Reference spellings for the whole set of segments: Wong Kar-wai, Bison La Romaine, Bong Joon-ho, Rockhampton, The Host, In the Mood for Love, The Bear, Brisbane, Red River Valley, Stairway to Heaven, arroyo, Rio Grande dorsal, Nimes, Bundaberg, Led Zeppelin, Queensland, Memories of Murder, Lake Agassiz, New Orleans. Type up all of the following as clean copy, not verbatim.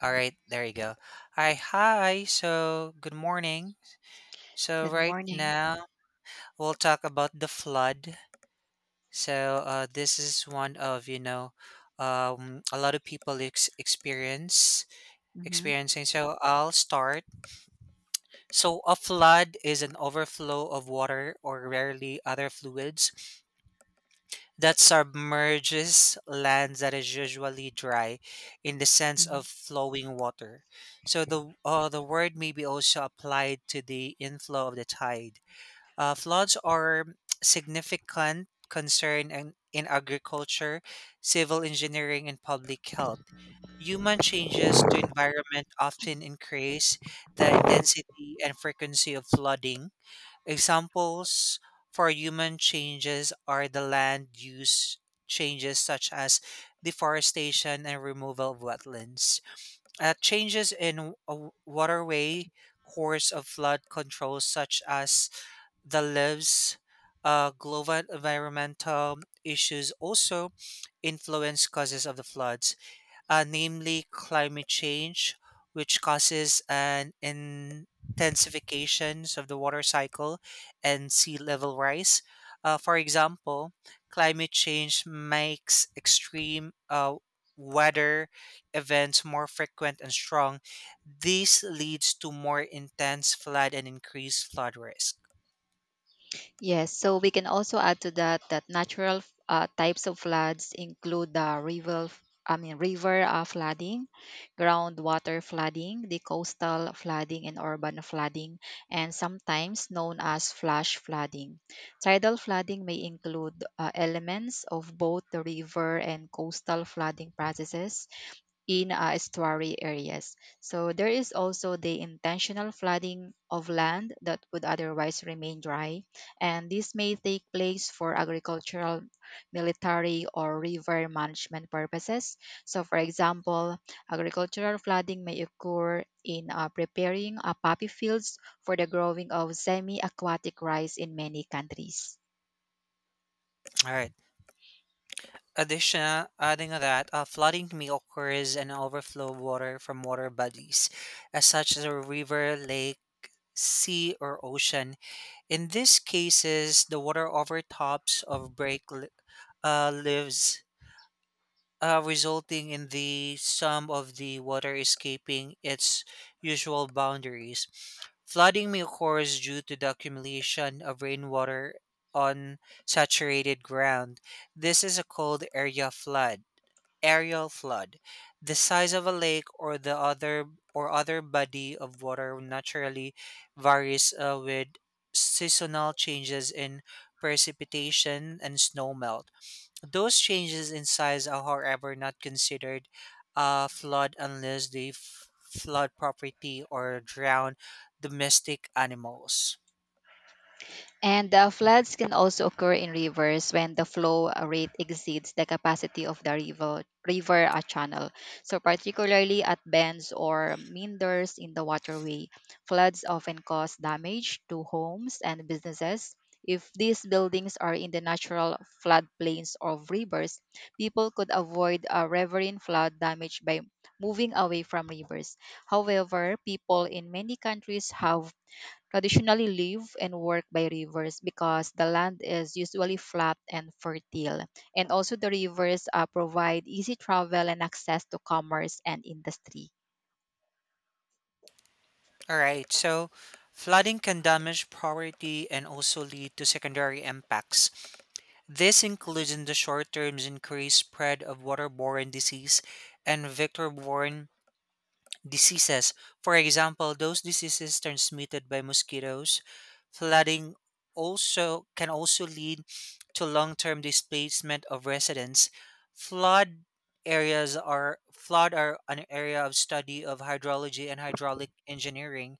All right, there you go. Hi, hi. So, good morning. So, Good right morning. now we'll talk about the flood. So, this is one of a lot of people experience hmm experiencing. So, I'll start. So, a flood is an overflow of water or rarely other fluids that submerges land that is usually dry in the sense of hmm flowing water. So the word may be also applied to the inflow of the tide. Floods are significant concern in agriculture, civil engineering, and public health. Human changes to environment often increase the intensity and frequency of flooding. Examples for human changes are the land use changes such as deforestation and removal of wetlands. Changes in a waterway course of flood control such as the lives. Global environmental issues also influence causes of the floods, namely climate change, which causes an intensification of the water cycle and sea level rise. For example, climate change makes extreme weather events more frequent and strong. This leads to more intense flood and increased flood risk. Yes, so we can also add to that that natural types of floods include the river, I mean river flooding, groundwater flooding, the coastal flooding, and urban flooding, and sometimes known as flash flooding. Tidal flooding may include elements of both the river and coastal flooding processes in estuary areas. So there is also the intentional flooding of land that would otherwise remain dry, and this may take place for agricultural, military, or river management purposes. So, for example, agricultural flooding may occur in preparing poppy fields for the growing of semi aquatic rice in many countries. All right. Addition, adding that flooding may occur as an overflow of water from water bodies, as such as a river, lake, sea, or ocean. In these cases, the water overtops of break lives, resulting in the sum of the water escaping its usual boundaries. Flooding may occur due to the accumulation of rainwater on saturated ground. This is a called area flood, aerial flood. The size of a lake or the other or other body of water naturally varies with seasonal changes in precipitation and snow melt. Those changes in size are however not considered a flood unless they flood property or drown domestic animals. And the floods can also occur in rivers when the flow rate exceeds the capacity of the river river channel. So particularly at bends or meanders in the waterway, floods often cause damage to homes and businesses. If these buildings are in the natural floodplains of rivers, people could avoid a riverine flood damage by moving away from rivers. However, people in many countries have traditionally live and work by rivers because the land is usually flat and fertile. And also, the rivers provide easy travel and access to commerce and industry. All right, so flooding can damage property and also lead to secondary impacts. This includes in the short term increased spread of waterborne disease and vector-borne diseases. For example, those diseases transmitted by mosquitoes, flooding also can also lead to long-term displacement of residents. Flood areas are an area of study of hydrology and hydraulic engineering.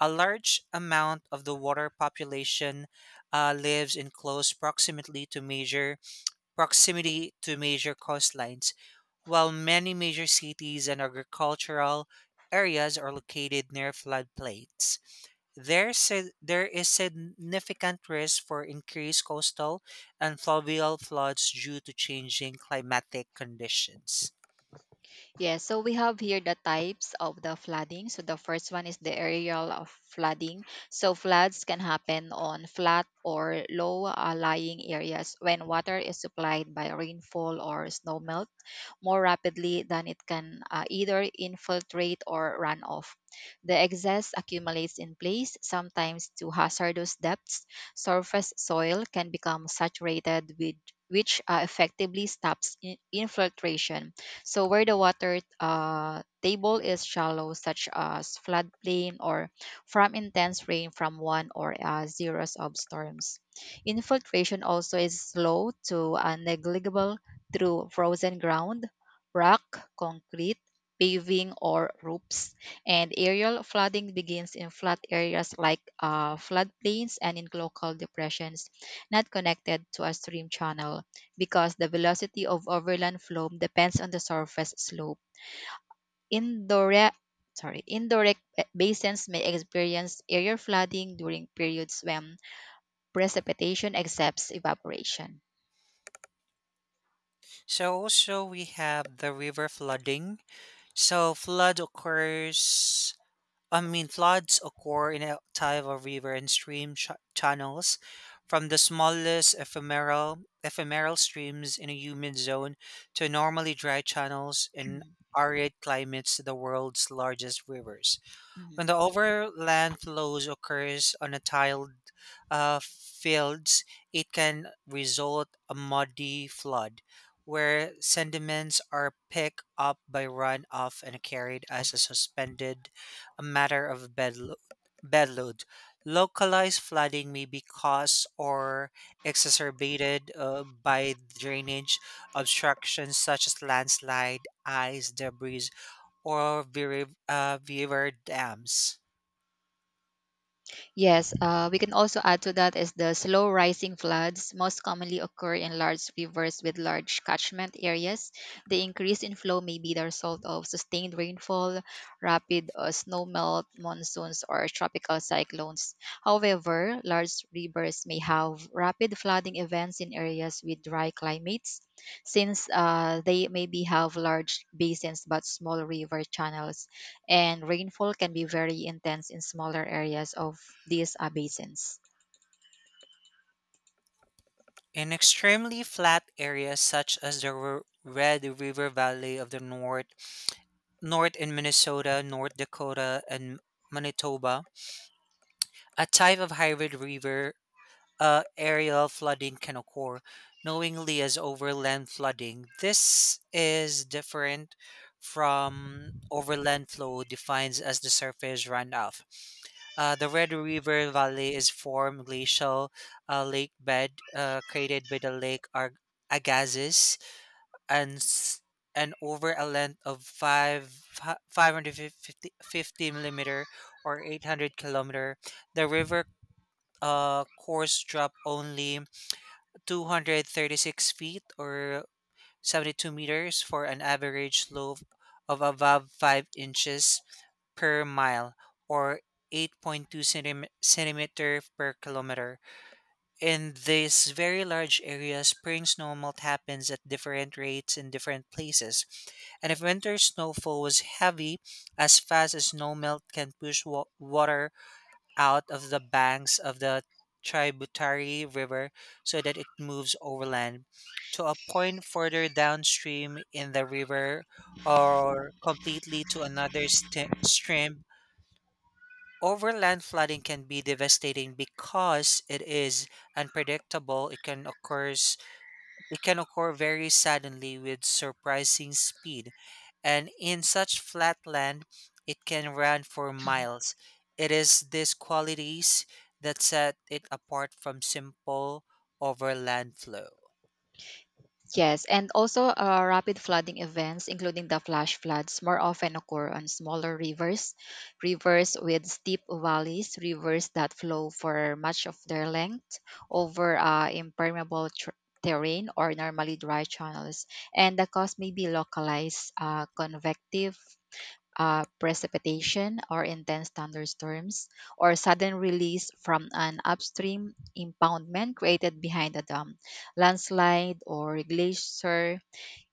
A large amount of the water population lives in close proximity to major coastlines, while many major cities and agricultural areas are located near floodplains. There is significant risk for increased coastal and fluvial floods due to changing climatic conditions. Yes, so we have here the types of the flooding. So the first one is the aerial of flooding. So floods can happen on flat or low lying areas when water is supplied by rainfall or snowmelt more rapidly than it can either infiltrate or run off. The excess accumulates in place, sometimes to hazardous depths. Surface soil can become saturated with which effectively stops infiltration. So where the water table is shallow, such as floodplain or from intense rain from one or a series of storms. Infiltration also is slow to negligible through frozen ground, rock, concrete, paving, or roofs. And aerial flooding begins in flat areas like floodplains and in local depressions not connected to a stream channel because the velocity of overland flow depends on the surface slope. Indirect indirect basins may experience aerial flooding during periods when precipitation exceeds evaporation. So also we have the river flooding. So floods occur in a tidal river and stream channels, from the smallest ephemeral streams in a humid zone to normally dry channels in arid climates to the world's largest rivers. When the overland flows occurs on a tiled fields, it can result a muddy flood where sediments are picked up by runoff and carried as a suspended matter of bed load. Localized flooding may be caused or exacerbated by drainage obstructions such as landslide, ice, debris, or beaver dams. Yes, we can also add to that is the slow rising floods most commonly occur in large rivers with large catchment areas. The increase in flow may be the result of sustained rainfall, rapid snowmelt, monsoons, or tropical cyclones. However, large rivers may have rapid flooding events in areas with dry climates, since they maybe have large basins but small river channels and rainfall can be very intense in smaller areas of these basins. In extremely flat areas such as the Red River Valley of the North, North in Minnesota, North Dakota, and Manitoba, a type of hybrid river aerial flooding can occur, knowingly as overland flooding. This is different from overland flow, defined as the surface runoff. The Red River Valley is formed glacial lake bed created by the Lake Agassiz and s- and over a length of five hundred fifty millimeter or 800 kilometer. The river course drop only 236 feet or 72 meters for an average slope of above 5 inches per mile or 8.2 centimeter per kilometer. In these very large areas, spring snowmelt happens at different rates in different places. And if winter snowfall was heavy, as fast as snowmelt can push water out of the banks of the tributary river so that it moves overland to a point further downstream in the river or completely to another stream. Overland flooding can be devastating because it is unpredictable. It can occur very suddenly with surprising speed, and in such flat land, it can run for miles. It is these qualities that set it apart from simple overland flow. Yes, and also rapid flooding events, including the flash floods, more often occur on smaller rivers, rivers with steep valleys, rivers that flow for much of their length over impermeable terrain or normally dry channels. And the cause may be localized convective precipitation or intense thunderstorms, or sudden release from an upstream impoundment created behind a dam, landslide, or glacier.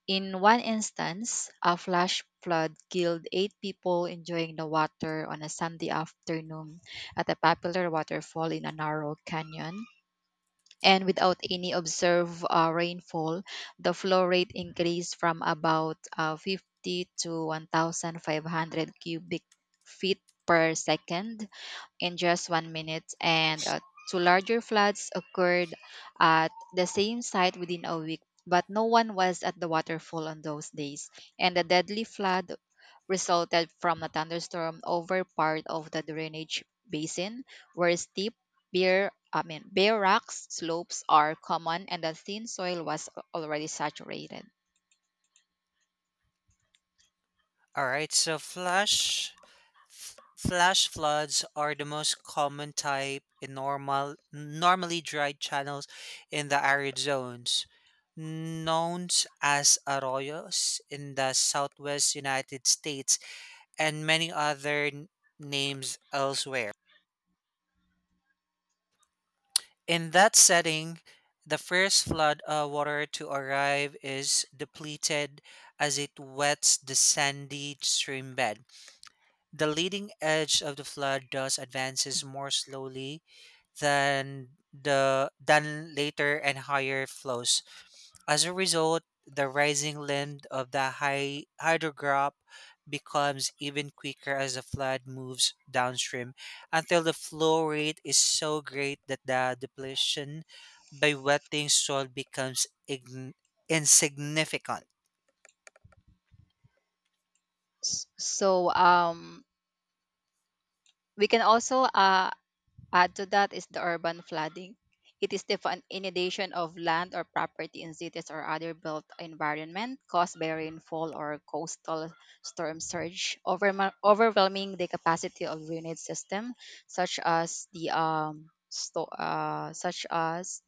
In one instance, a flash flood killed eight people enjoying the water on a Sunday afternoon at a popular waterfall in a narrow canyon and without any observed rainfall, the flow rate increased from about 50 to 1,500 cubic feet per second in just one minute, and two larger floods occurred at the same site within a week. But no one was at the waterfall on those days, and the deadly flood resulted from a thunderstorm over part of the drainage basin where steep bare I mean bare rocks slopes are common and the thin soil was already saturated. All right. So flash floods are the most common type in normally dry channels in the arid zones, known as arroyos in the southwest United States and many other names elsewhere. In that setting, the first flood water to arrive is depleted as it wets the sandy stream bed. The leading edge of the flood thus advances more slowly than later and higher flows. As a result, the rising land of the high hydrograph becomes even quicker as the flood moves downstream until the flow rate is so great that the depletion by wetting soil becomes insignificant. So we can also add to that is the urban flooding. It is the inundation of land or property in cities or other built environment caused by rainfall or coastal storm surge, overwhelming the capacity of drainage system, such as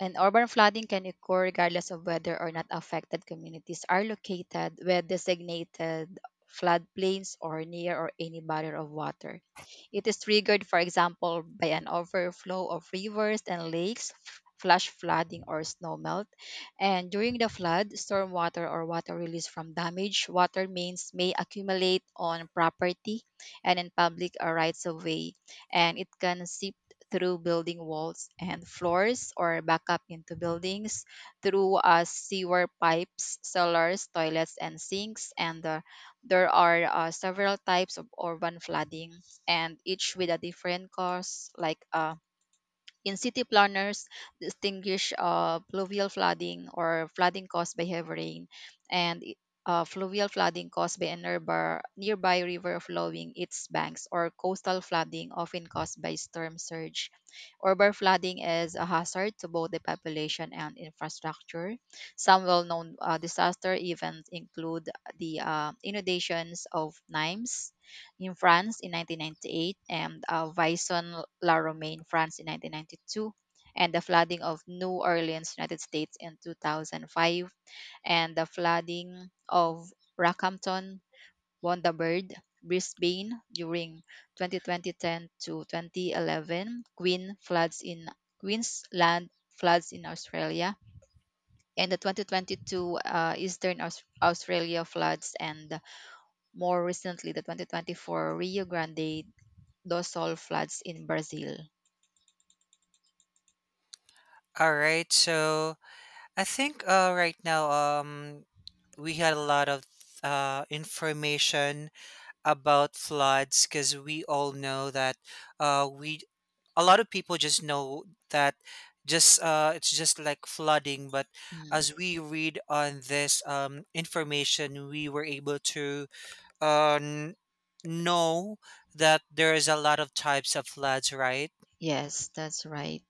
and urban flooding can occur regardless of whether or not affected communities are located where designated floodplains or near or any barrier of water. It is triggered, for example, by an overflow of rivers and lakes, flash flooding, or snow melt. And during the flood, storm water or water released from damaged water mains may accumulate on property and in public or rights of way, and it can seep through building walls and floors or back up into buildings through sewer pipes, cellars, toilets, and sinks. And there are several types of urban flooding and each with a different cause like in city planners distinguish pluvial flooding or flooding caused by heavy rain and fluvial flooding caused by a nearby river flowing its banks or coastal flooding often caused by storm surge. Urban flooding is a hazard to both the population and infrastructure. Some well-known disaster events include the inundations of Nimes in France in 1998, and Bison La Romaine, France in 1992, and the flooding of New Orleans, United States in 2005, and the flooding of Rockhampton, Bundaberg, Brisbane during 2010 to 2011, Queensland floods in Australia, and the 2022 Eastern Aus- Australia floods, and more recently the 2024 Rio Grande dorsal floods in Brazil. All right, so I think right now, we had a lot of information about floods because we all know that we a lot of people just know that just it's just like flooding. But Mm, as we read on this information, we were able to uh, n- know that there is a lot of types of floods, right? yes, that's right.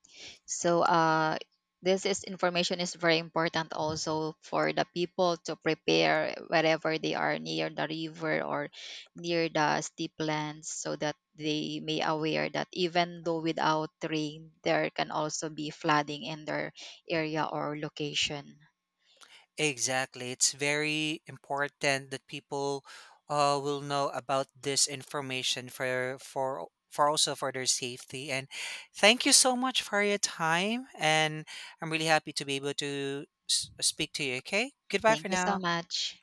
So this is information is very important also for the people to prepare wherever they are near the river or near the steeplands so that they may aware that even though without rain, there can also be flooding in their area or location. Exactly. It's very important that people will know about this information for also for their safety. And thank you so much for your time. And I'm really happy to be able to speak to you. Okay. Goodbye Thank for you so now. much.